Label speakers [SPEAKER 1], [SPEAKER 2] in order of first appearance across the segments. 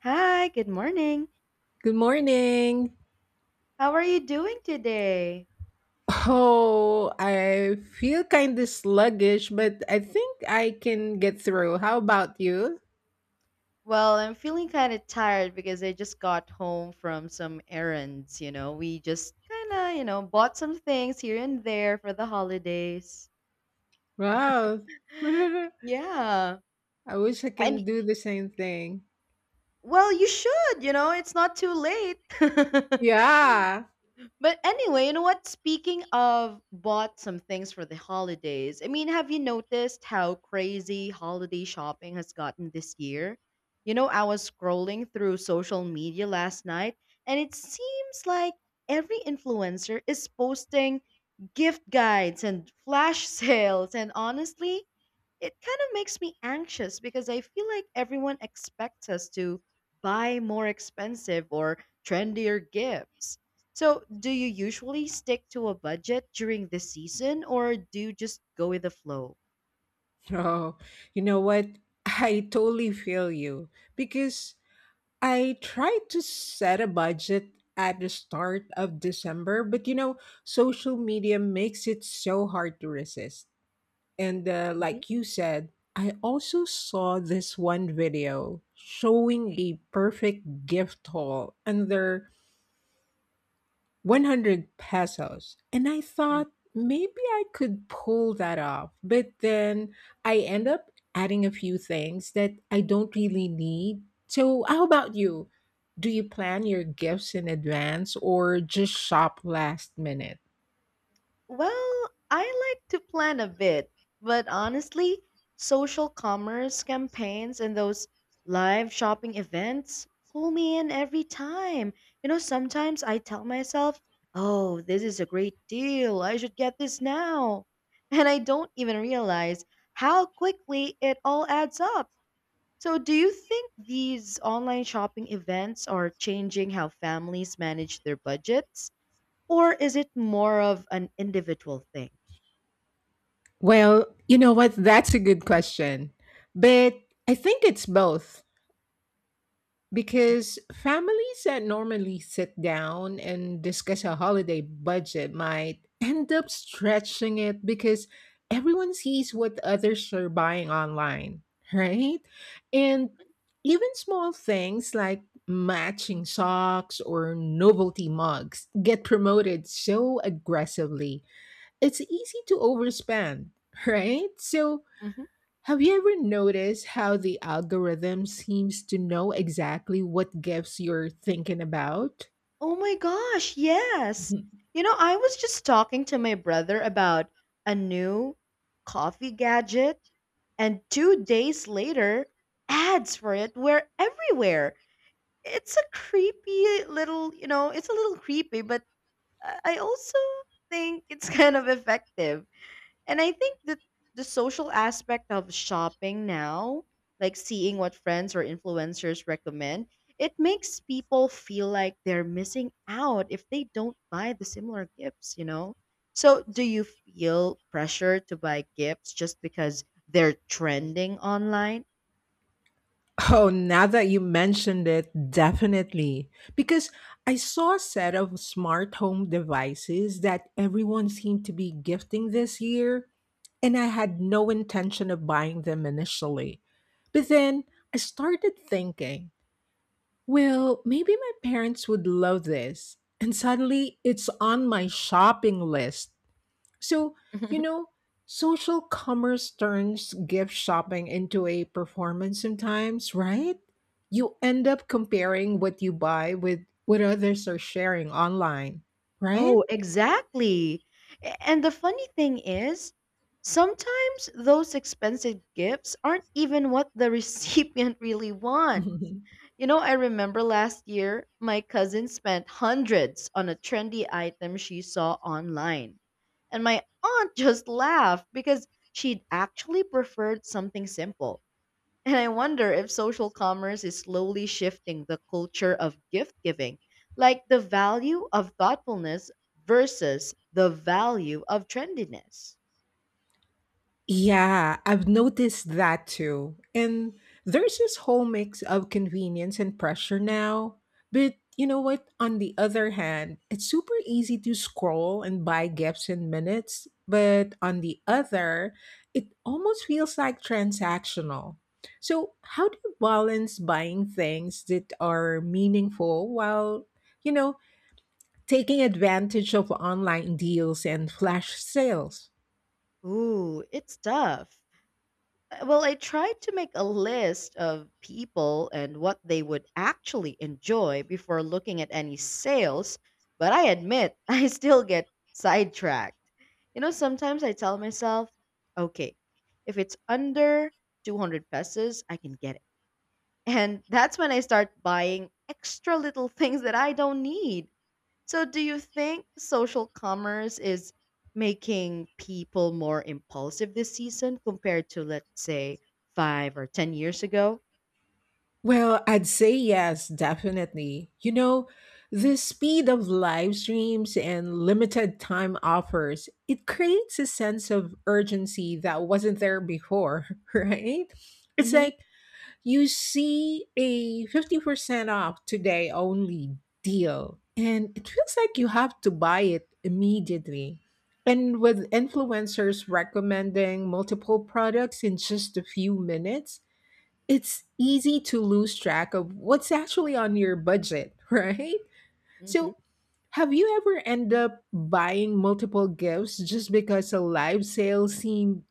[SPEAKER 1] Hi, good morning.
[SPEAKER 2] Good morning.
[SPEAKER 1] How are you doing today?
[SPEAKER 2] Oh, I feel kind of sluggish, but I think I can get through. How about you?
[SPEAKER 1] Well, I'm feeling kind of tired because I just got home from some errands, you know. We just kind of, you know, bought some things here and there for the holidays.
[SPEAKER 2] Wow. I
[SPEAKER 1] Yeah.
[SPEAKER 2] wish I can
[SPEAKER 1] And
[SPEAKER 2] do the same thing.
[SPEAKER 1] well, you should, you know, it's not too late.
[SPEAKER 2] Yeah.
[SPEAKER 1] But anyway, you know what? Speaking of bought some things for the holidays, I mean, have you noticed how crazy holiday shopping has gotten this year? You know, I was scrolling through social media last night, and it seems like every influencer is posting gift guides and flash sales. And honestly, it kind of makes me anxious because I feel like everyone expects us to buy more expensive or trendier gifts. So, do you usually stick to a budget during the season or do you just go with the flow?
[SPEAKER 2] Oh, you know what? I totally feel you because I tried to set a budget at the start of December, but you know, social media makes it so hard to resist. And like you said, I also saw this one video showing a perfect gift haul under 100 pesos. And I
[SPEAKER 1] Mhm.
[SPEAKER 2] thought maybe I could pull that off. But then I end up adding a few things that I don't really need. So, how about you? Do you plan your gifts in advance or just shop last minute?
[SPEAKER 1] Well, I like to plan a bit, but honestly, social commerce campaigns and those live shopping events pull me in every time. You know, sometimes I tell myself, oh, this is a great deal. I should get this now. And I don't even realize how quickly it all adds up. So, do you think these online shopping events are changing how families manage their budgets? Or is it more of an individual thing?
[SPEAKER 2] Well, you know what? That's a good question. But I think it's both. Because families that normally sit down and discuss a holiday budget might end up stretching it because everyone sees what others are buying online, right? And even small things like matching socks or novelty mugs get promoted so aggressively, it's easy to overspend, right? So,
[SPEAKER 1] hmm
[SPEAKER 2] have you ever noticed how the algorithm seems to know exactly what gifts you're thinking about?
[SPEAKER 1] Oh my gosh, yes.
[SPEAKER 2] Mhm.
[SPEAKER 1] You know, I was just talking to my brother about a new coffee gadget, and 2 days later, ads for it were everywhere. It's a creepy little, you know, it's a little creepy, but I also think it's kind of effective. And I think that the social aspect of shopping now, like seeing what friends or influencers recommend, it makes people feel like they're missing out if they don't buy the similar gifts, you know? So, do you feel pressure to buy gifts just because they're trending online?
[SPEAKER 2] Oh, now that you mentioned it, definitely. Because I saw a set of smart home devices that everyone seemed to be gifting this year, and I had no intention of buying them initially. But then I started thinking, well, maybe my parents would love this. And suddenly it's on my shopping list. So, you know, social commerce turns gift shopping into a performance sometimes, right? You end up comparing what you buy with what others are sharing online, right?
[SPEAKER 1] Oh, exactly. And the funny thing is, sometimes those expensive gifts aren't even what the recipient really wants. You know, I remember last year, my cousin spent hundreds on a trendy item she saw online. And my aunt just laughed because she'd actually preferred something simple. And I wonder if social commerce is slowly shifting the culture of gift giving, like the value of thoughtfulness versus the value of trendiness.
[SPEAKER 2] Yeah, I've noticed that too. And there's this whole mix of convenience and pressure now. But you know what? On the other hand, it's super easy to scroll and buy gifts in minutes. But on the other, it almost feels like transactional. So, how do you balance buying things that are meaningful while, you know, taking advantage of online deals and flash sales?
[SPEAKER 1] Ooh, it's tough. Well, I tried to make a list of people and what they would actually enjoy before looking at any sales, but I admit I still get sidetracked. You know, sometimes I tell myself, okay, if it's under 200 pesos, I can get it. And that's when I start buying extra little things that I don't need. So, do you think social commerce is making people more impulsive this season compared to, let's say, five or 10 years ago?
[SPEAKER 2] Well, I'd say yes, definitely. You know, the speed of live streams and limited time offers, it creates a sense of urgency that wasn't there before, right? It's
[SPEAKER 1] hmm
[SPEAKER 2] like you see a 50% off today only deal, and it feels like you have to buy it immediately. And with influencers recommending multiple products in just a few minutes, it's easy to lose track of what's actually on your budget, right?
[SPEAKER 1] hmm
[SPEAKER 2] So, have you ever end up buying multiple gifts just because a live sale seemed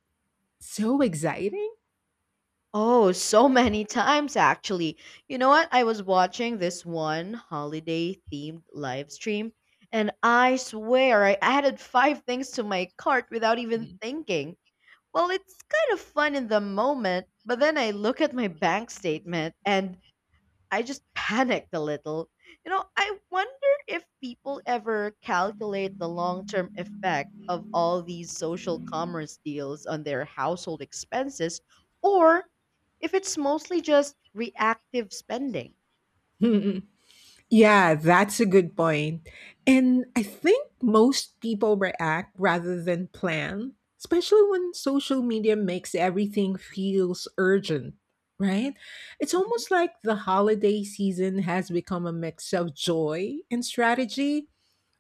[SPEAKER 2] so exciting?
[SPEAKER 1] Oh, so many times actually. You know what? I was watching this one holiday themed live stream, and I swear I added five things to my cart without even thinking. Well, it's kind of fun in the moment, but then I look at my bank statement and I just panicked a little. You know, I wonder if people ever calculate the long term effect of all these social commerce deals on their household expenses or if it's mostly just reactive spending.
[SPEAKER 2] Yeah, that's a good point. And I think most people react rather than plan, especially when social media makes everything feels urgent, right? It's
[SPEAKER 1] Mhm.
[SPEAKER 2] almost like the holiday season has become a mix of joy and strategy.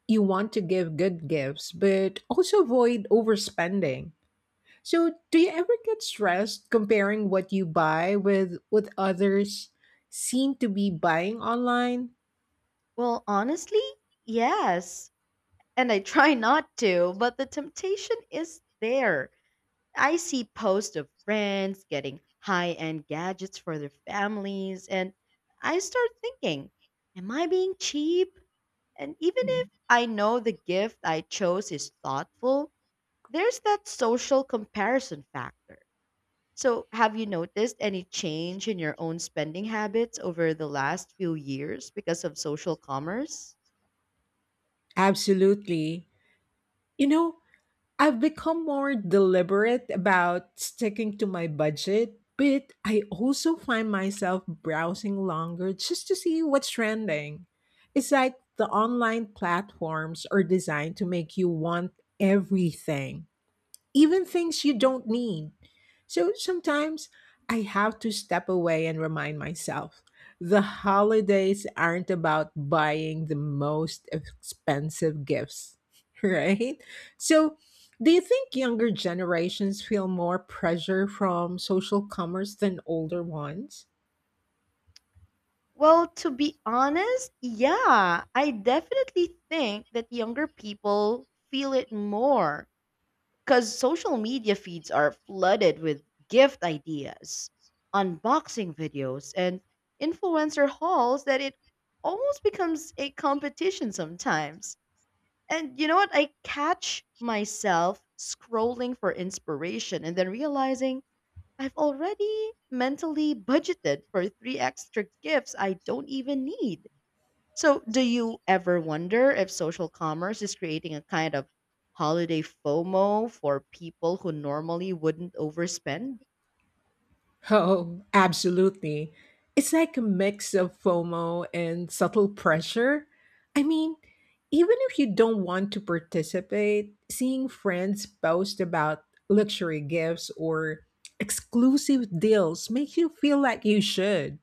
[SPEAKER 2] You want to give good gifts, but also avoid overspending. So, do you ever get stressed comparing what you buy with what others seem to be buying online?
[SPEAKER 1] Well, honestly, yes. And I try not to, but the temptation is there. I see posts of friends getting high end gadgets for their families, and I start thinking, am I being cheap? And even if
[SPEAKER 2] Mm,
[SPEAKER 1] I know the gift I chose is thoughtful, there's that social comparison factor. So, have you noticed any change in your own spending habits over the last few years because of social commerce?
[SPEAKER 2] absolutely. You know, I've become more deliberate about sticking to my budget, but I also find myself browsing longer just to see what's trending. It's like the online platforms are designed to make you want everything, even things you don't need. So sometimes I have to step away and remind myself the holidays aren't about buying the most expensive gifts, right? So, do you think younger generations feel more pressure from social commerce than older ones?
[SPEAKER 1] Well, to be honest, yeah, I definitely think that younger people feel it more. Because social media feeds are flooded with gift ideas, unboxing videos, and influencer hauls that it almost becomes a competition sometimes. And you know what? I catch myself scrolling for inspiration and then realizing I've already mentally budgeted for three extra gifts I don't even need. So, do you ever wonder if social commerce is creating a kind of holiday FOMO for people who normally wouldn't overspend?
[SPEAKER 2] Oh, absolutely. It's like a mix of FOMO and subtle pressure. I mean, even if you don't want to participate, seeing friends post about luxury gifts or exclusive deals makes you feel like you should.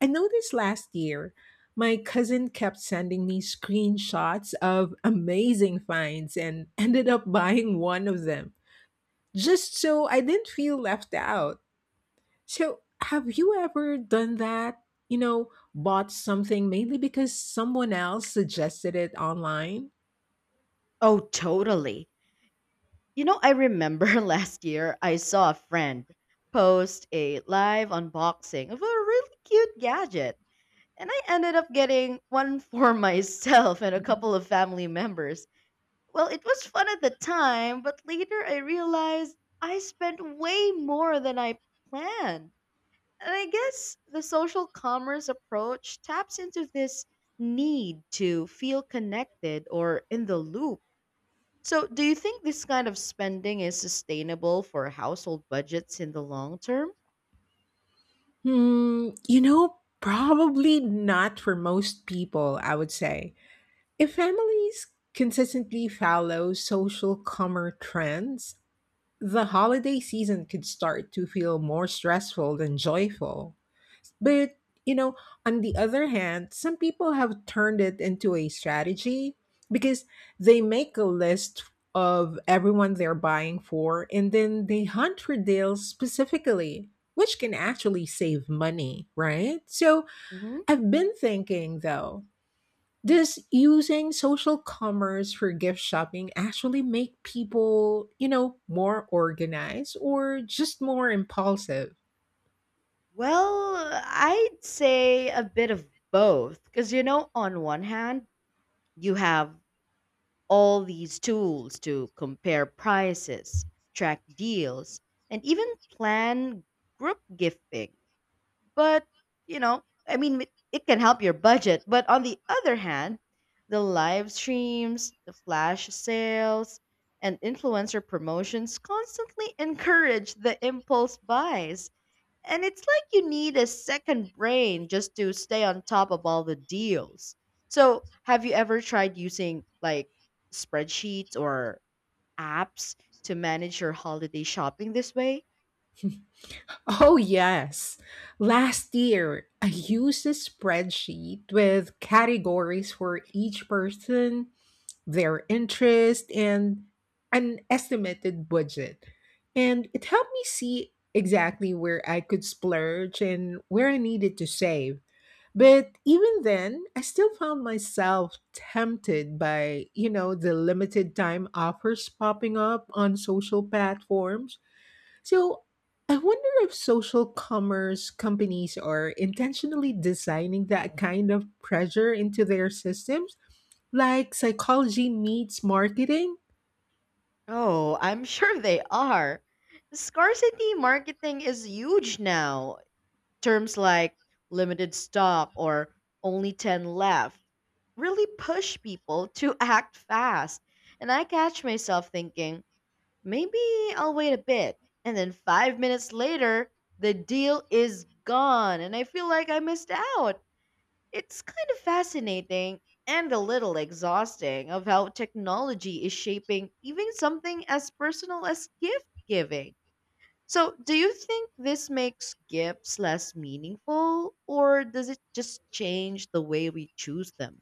[SPEAKER 2] I noticed last year, my cousin kept sending me screenshots of amazing finds and ended up buying one of them just so I didn't feel left out. So, have you ever done that? You know, bought something mainly because someone else suggested it online?
[SPEAKER 1] Oh, totally. You know, I remember last year I saw a friend post a live unboxing of a really cute gadget, and I ended up getting one for myself and a couple of family members. Well, it was fun at the time, but later I realized I spent way more than I planned. And I guess the social commerce approach taps into this need to feel connected or in the loop. So, do you think this kind of spending is sustainable for household budgets in the long term?
[SPEAKER 2] Hmm, you know, probably not for most people, I would say. If families consistently follow social commerce trends, the holiday season could start to feel more stressful than joyful. But, you know, on the other hand, some people have turned it into a strategy because they make a list of everyone they're buying for and then they hunt for deals specifically, which can actually save money, right? So
[SPEAKER 1] hmm
[SPEAKER 2] I've been thinking though, does using social commerce for gift shopping actually make people, you know, more organized or just more impulsive?
[SPEAKER 1] Well, I'd say a bit of both. Because, you know, on one hand, you have all these tools to compare prices, track deals, and even plan group gifting. But, you know, I mean, it can help your budget. But on the other hand, the live streams, the flash sales, and influencer promotions constantly encourage the impulse buys. And it's like you need a second brain just to stay on top of all the deals. So, have you ever tried using like spreadsheets or apps to manage your holiday shopping this way?
[SPEAKER 2] Oh, yes. Last year, I used a spreadsheet with categories for each person, their interest, and an estimated budget. And it helped me see exactly where I could splurge and where I needed to save. But even then, I still found myself tempted by, you know, the limited time offers popping up on social platforms. So I wonder if social commerce companies are intentionally designing that kind of pressure into their systems, like psychology meets marketing.
[SPEAKER 1] Oh, I'm sure they are. Scarcity marketing is huge now. Terms like limited stock or only 10 left really push people to act fast. And I catch myself thinking, maybe I'll wait a bit. And then 5 minutes later, the deal is gone, and I feel like I missed out. It's kind of fascinating and a little exhausting of how technology is shaping even something as personal as gift giving. So, do you think this makes gifts less meaningful or does it just change the way we choose them?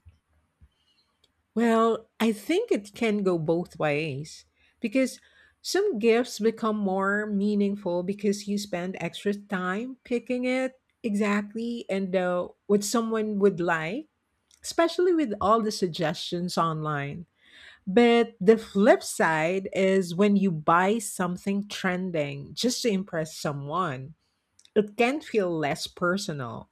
[SPEAKER 2] Well, I think it can go both ways because some gifts become more meaningful because you spend extra time picking it exactly and what someone would like, especially with all the suggestions online. But the flip side is when you buy something trending just to impress someone, it can feel less personal.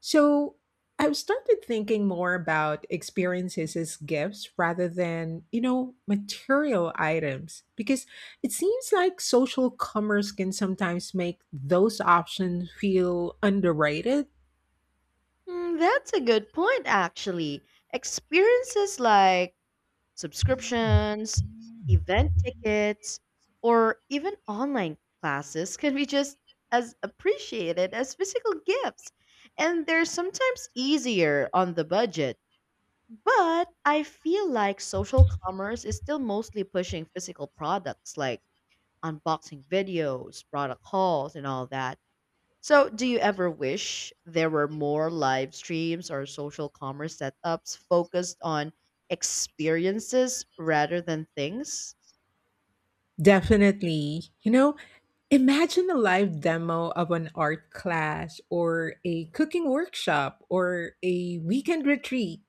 [SPEAKER 2] So I've started thinking more about experiences as gifts rather than, you know, material items because it seems like social commerce can sometimes make those options feel underrated.
[SPEAKER 1] Hmm, that's a good point, actually. Experiences like Subscriptions, event tickets, or even online classes can be just as appreciated as physical gifts. And they're sometimes easier on the budget. But I feel like social commerce is still mostly pushing physical products like unboxing videos, product hauls, and all that. So, do you ever wish there were more live streams or social commerce setups focused on experiences rather than things?
[SPEAKER 2] Definitely. You know, imagine a live demo of an art class or a cooking workshop or a weekend retreat.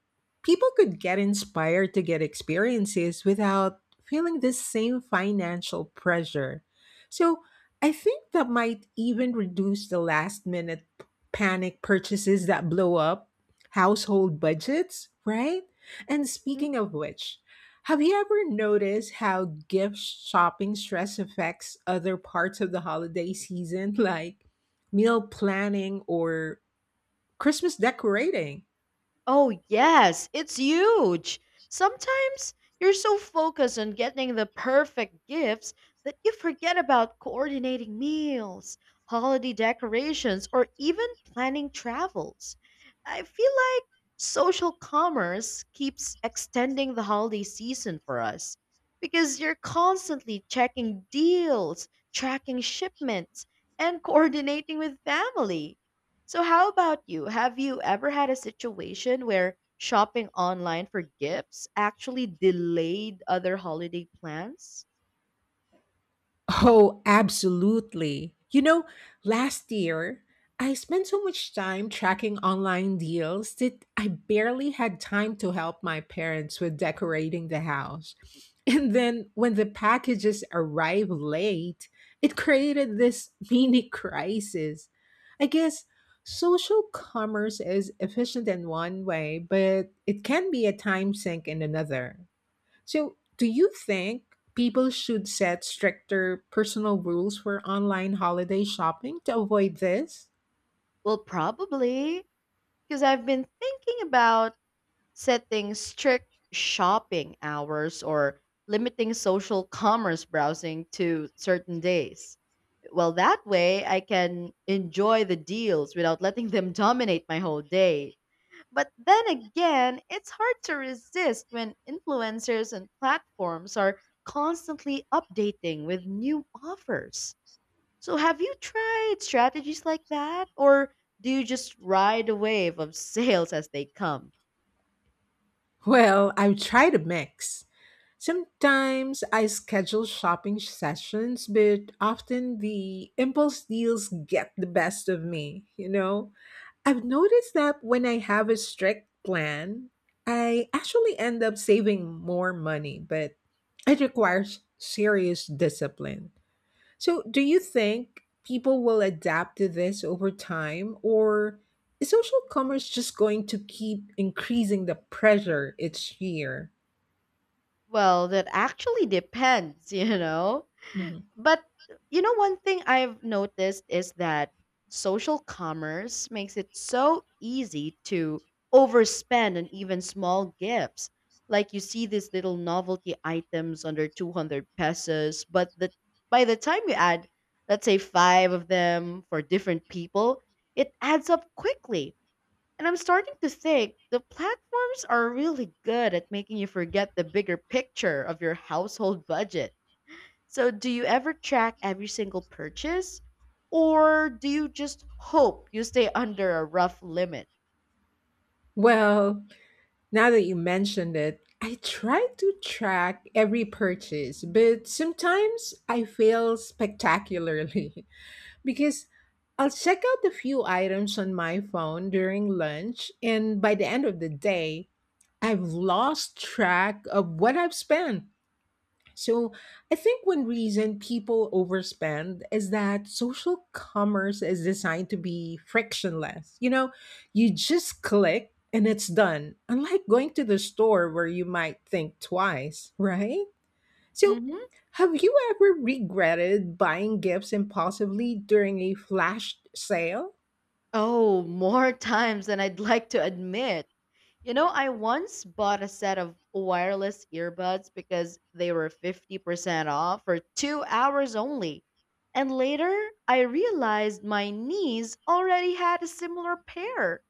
[SPEAKER 2] People could get inspired to get experiences without feeling this same financial pressure. So, I think that might even reduce the last minute panic purchases that blow up household budgets, right? And
[SPEAKER 1] Mhm.
[SPEAKER 2] speaking of which, have you ever noticed how gift shopping stress affects other parts of the holiday season, like meal planning or Christmas decorating?
[SPEAKER 1] Oh, yes, it's huge. Sometimes you're so focused on getting the perfect gifts that you forget about coordinating meals, holiday decorations, or even planning travels. I feel like social commerce keeps extending the holiday season for us because you're constantly checking deals, tracking shipments, and coordinating with family. So, how about you? Have you ever had a situation where shopping online for gifts actually delayed other holiday plans?
[SPEAKER 2] Oh, absolutely. You know, last year, I spent so much time tracking online deals that I barely had time to help my parents with decorating the house. And then when the packages arrived late, it created this mini crisis. I guess social commerce is efficient in one way, but it can be a time sink in another. So, do you think people should set stricter personal rules for online holiday shopping to avoid this?
[SPEAKER 1] Well, probably, because I've been thinking about setting strict shopping hours or limiting social commerce browsing to certain days. Well, that way I can enjoy the deals without letting them dominate my whole day. But then again, it's hard to resist when influencers and platforms are constantly updating with new offers. So, have you tried strategies like that? Or do you just ride a wave of sales as they come?
[SPEAKER 2] Well, I try to mix. Sometimes I schedule shopping sessions, but often the impulse deals get the best of me, you know? I've noticed that when I have a strict plan, I actually end up saving more money, but it requires serious discipline. So, do you think people will adapt to this over time, or is social commerce just going to keep increasing the pressure each year?
[SPEAKER 1] Well, that actually depends, you know?
[SPEAKER 2] Mhm.
[SPEAKER 1] But you know, one thing I've noticed is that social commerce makes it so easy to overspend on even small gifts. Like you see these little novelty items under 200 pesos, but the by the time you add, let's say five of them for different people, it adds up quickly. And I'm starting to think the platforms are really good at making you forget the bigger picture of your household budget. So, do you ever track every single purchase or do you just hope you stay under a rough limit?
[SPEAKER 2] Well, now that you mentioned it, I try to track every purchase, but sometimes I fail spectacularly because I'll check out a few items on my phone during lunch, and by the end of the day, I've lost track of what I've spent. So I think one reason people overspend is that social commerce is designed to be frictionless. You know, you just click and it's done, unlike going to the store where you might think twice, right? So
[SPEAKER 1] hmm
[SPEAKER 2] have you ever regretted buying gifts impulsively during a flash sale?
[SPEAKER 1] Oh, more times than I'd like to admit. You know, I once bought a set of wireless earbuds because they were 50% off for 2 hours only. And later, I realized my niece already had a similar pair.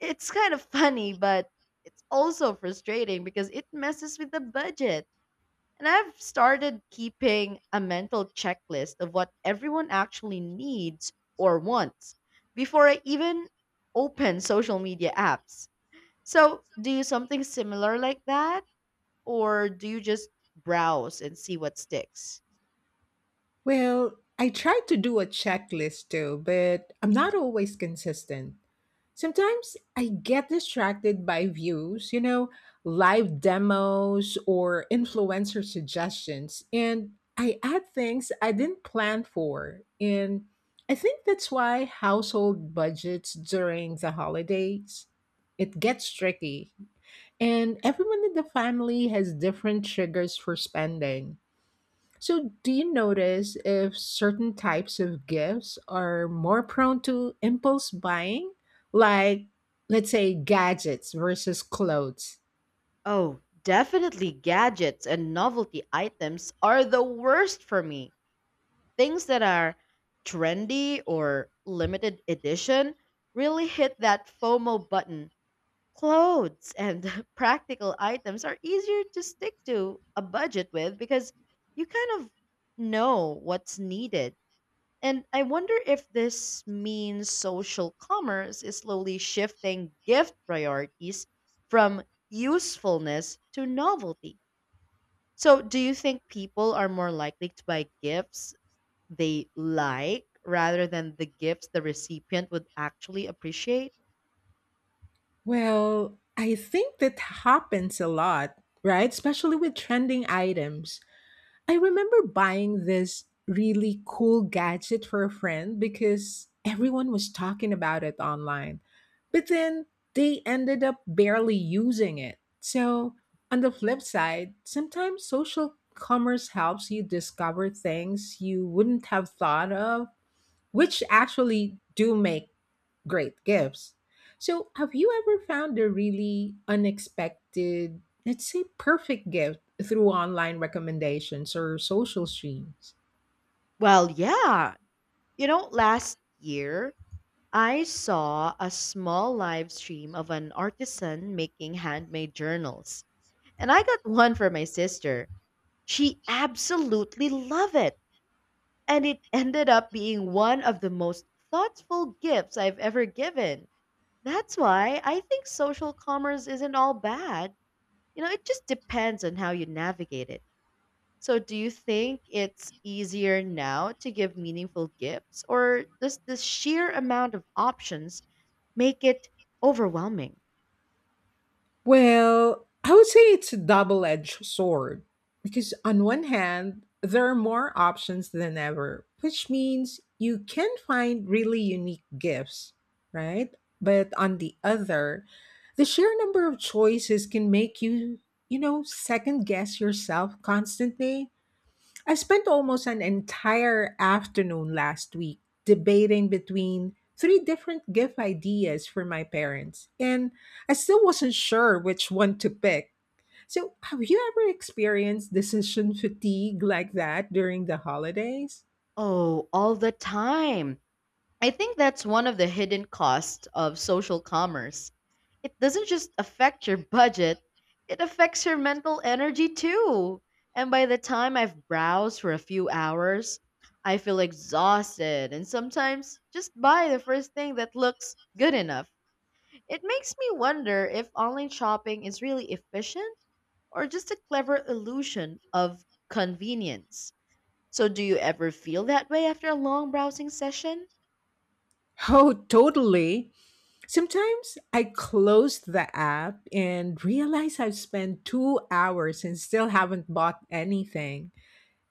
[SPEAKER 1] It's kind of funny, but it's also frustrating because it messes with the budget. And I've started keeping a mental checklist of what everyone actually needs or wants before I even open social media apps. So, do you something similar like that? Or do you just browse and see what sticks?
[SPEAKER 2] Well, I try to do a checklist too, but I'm not always consistent. Sometimes I get distracted by views, you know, live demos or influencer suggestions, and I add things I didn't plan for. And I think that's why household budgets during the holidays it gets tricky. And everyone in the family has different triggers for spending. So, do you notice if certain types of gifts are more prone to impulse buying? Like, let's say, gadgets versus clothes?
[SPEAKER 1] Oh, definitely gadgets and novelty items are the worst for me. Things that are trendy or limited edition really hit that FOMO button. Clothes and practical items are easier to stick to a budget with because you kind of know what's needed. And I wonder if this means social commerce is slowly shifting gift priorities from usefulness to novelty. So, do you think people are more likely to buy gifts they like rather than the gifts the recipient would actually appreciate?
[SPEAKER 2] Well, I think that happens a lot, right? Especially with trending items. I remember buying this really cool gadget for a friend because everyone was talking about it online. But then they ended up barely using it. So, on the flip side, sometimes social commerce helps you discover things you wouldn't have thought of which actually do make great gifts. So, have you ever found a really unexpected, let's say perfect gift through online recommendations or social streams?
[SPEAKER 1] Well, yeah. You know, last year I saw a small live stream of an artisan making handmade journals, and I got one for my sister. She absolutely loved it, and it ended up being one of the most thoughtful gifts I've ever given. That's why I think social commerce isn't all bad. You know, it just depends on how you navigate it. So, do you think it's easier now to give meaningful gifts, or does the sheer amount of options make it overwhelming?
[SPEAKER 2] Well, I would say it's a double edged sword because, on one hand, there are more options than ever, which means you can find really unique gifts, right? But on the other, the sheer number of choices can make you, you know, second guess yourself constantly. I spent almost an entire afternoon last week debating between three different gift ideas for my parents, and I still wasn't sure which one to pick. So, have you ever experienced decision fatigue like that during the holidays?
[SPEAKER 1] Oh, all the time. I think that's one of the hidden costs of social commerce. It doesn't just affect your budget, it affects your mental energy too. And by the time I've browsed for a few hours, I feel exhausted and sometimes just buy the first thing that looks good enough. It makes me wonder if online shopping is really efficient or just a clever illusion of convenience. So, do you ever feel that way after a long browsing session?
[SPEAKER 2] Oh, totally. Sometimes I close the app and realize I've spent 2 hours and still haven't bought anything.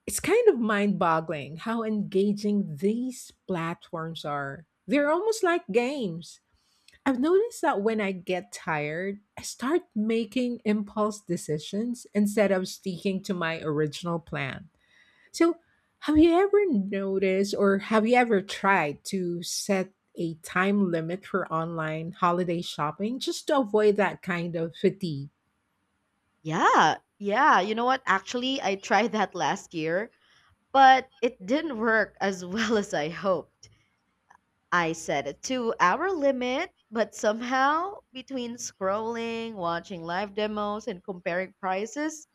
[SPEAKER 2] It's kind of mind boggling how engaging these platforms are. They're almost like games. I've noticed that when I get tired, I start making impulse decisions instead of sticking to my original plan. So, have you ever noticed or have you ever tried to set a time limit for online holiday shopping just to avoid that kind of fatigue?
[SPEAKER 1] Yeah, yeah. You know what? Actually, I tried that last year, but it didn't work as well as I hoped. I set a 2 hour limit, but somehow, between scrolling, watching live demos, and comparing prices,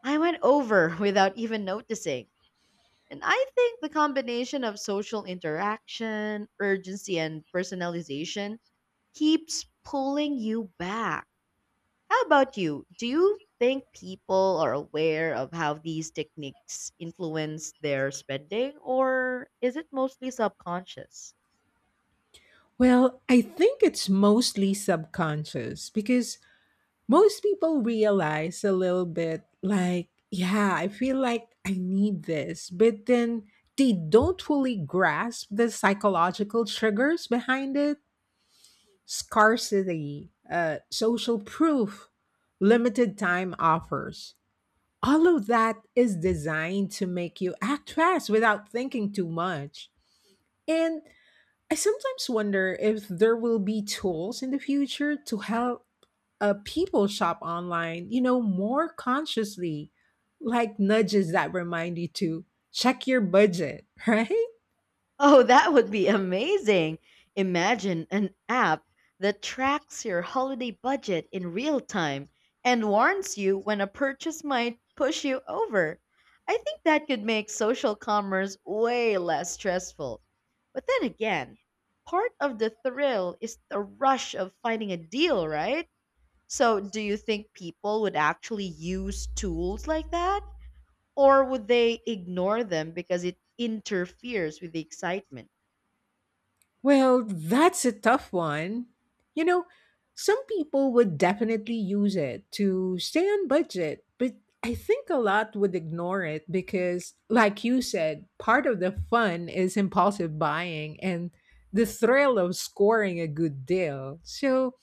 [SPEAKER 1] I went over without even noticing. And I think the combination of social interaction, urgency, and personalization keeps pulling you back. How about you? Do you think people are aware of how these techniques influence their spending, or is it mostly subconscious?
[SPEAKER 2] Well, I think it's mostly subconscious because most people realize a little bit like, yeah, I feel like I need this, but then they don't fully grasp the psychological triggers behind it: scarcity, social proof, limited time offers. All of that is designed to make you act fast without thinking too much. And I sometimes wonder if there will be tools in the future to help people shop online, you know, more consciously, like nudges that remind you to check your budget, right?
[SPEAKER 1] Oh, that would be amazing. Imagine an app that tracks your holiday budget in real time and warns you when a purchase might push you over. I think that could make social commerce way less stressful. But then again, part of the thrill is the rush of finding a deal, right? So, do you think people would actually use tools like that? Or would they ignore them because it interferes with the excitement?
[SPEAKER 2] Well, that's a tough one. You know, some people would definitely use it to stay on budget, but I think a lot would ignore it because, like you said, part of the fun is impulsive buying and the thrill of scoring a good deal. So,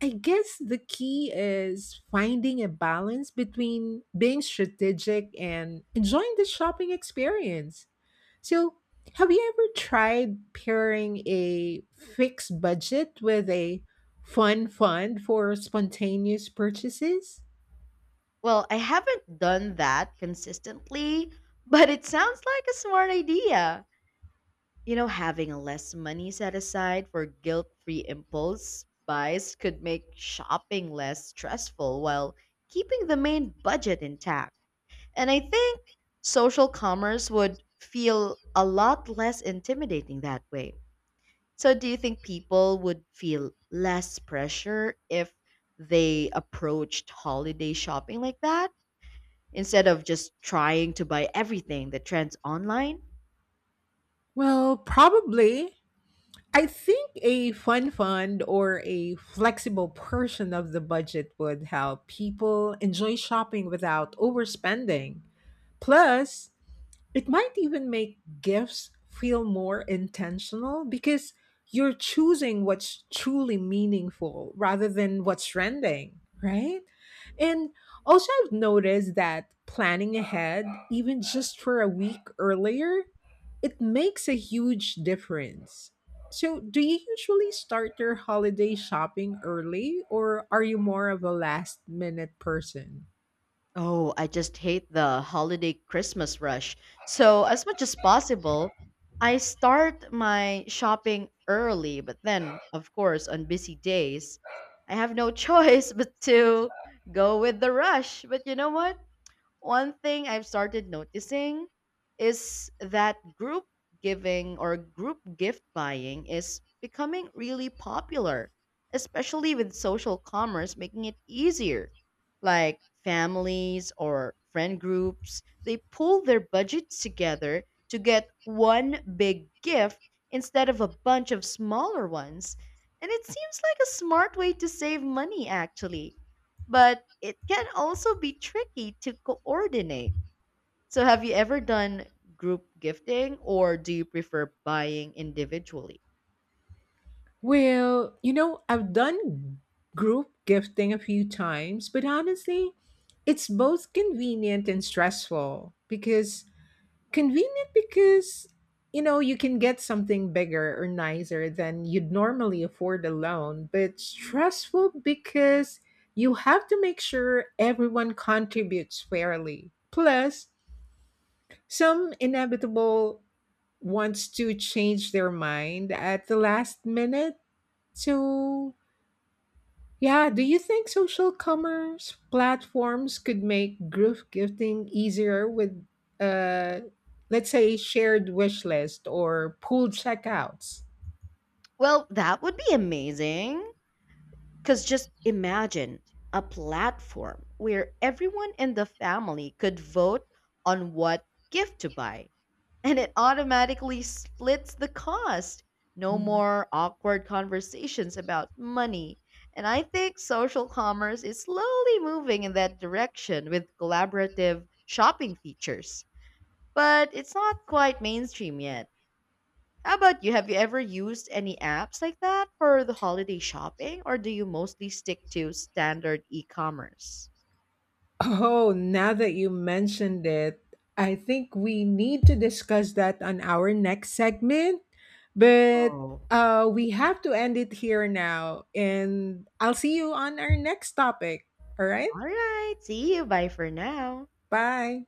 [SPEAKER 2] I guess the key is finding a balance between being strategic and enjoying the shopping experience. So, have you ever tried pairing a fixed budget with a fun fund for spontaneous purchases?
[SPEAKER 1] Well, I haven't done that consistently, but it sounds like a smart idea. You know, having less money set aside for guilt free impulse buys could make shopping less stressful while keeping the main budget intact. And I think social commerce would feel a lot less intimidating that way. So, do you think people would feel less pressure if they approached holiday shopping like that? Instead of just trying to buy everything that trends online,
[SPEAKER 2] Well, probably. I think a fun fund or a flexible portion of the budget would help people enjoy shopping without overspending. Plus, it might even make gifts feel more intentional because you're choosing what's truly meaningful rather than what's trending, right? And also, I've noticed that planning ahead, even just for a week earlier, it makes a huge difference. So, do you usually start your holiday shopping early, or are you more of a last minute person?
[SPEAKER 1] oh, I just hate the holiday Christmas rush. So, as much as possible, I start my shopping early, but then, of course, on busy days, I have no choice but to go with the rush. But you know what? One thing I've started noticing is that group giving or group gift buying is becoming really popular, especially with social commerce making it easier. Like families or friend groups, they pull their budgets together to get one big gift instead of a bunch of smaller ones. And it seems like a smart way to save money, actually, but it can also be tricky to coordinate. So, have you ever done group gifting or do you prefer buying individually?
[SPEAKER 2] Well, you know, I've done group gifting a few times, but honestly, it's both convenient and stressful because convenient because you know, you can get something bigger or nicer than you'd normally afford alone, but stressful because you have to make sure everyone contributes fairly. Plus, some inevitable wants to change their mind at the last minute. So yeah, do you think social commerce platforms could make group gifting easier with, uh, let's say, shared wish list or pooled checkouts?
[SPEAKER 1] Well, that would be amazing. Because just imagine a platform where everyone in the family could vote on what gift to buy, and it automatically splits the cost. No
[SPEAKER 2] Mhm.
[SPEAKER 1] more awkward conversations about money. And I think social commerce is slowly moving in that direction with collaborative shopping features. But it's not quite mainstream yet. How about you? Have you ever used any apps like that for the holiday shopping, or do you mostly stick to standard e commerce?
[SPEAKER 2] Oh, now that you mentioned it, I think we need to discuss that on our next segment. But
[SPEAKER 1] Oh,
[SPEAKER 2] we have to end it here now. And I'll see you on our next topic. All right.
[SPEAKER 1] all right. See you. Bye for now.
[SPEAKER 2] Bye.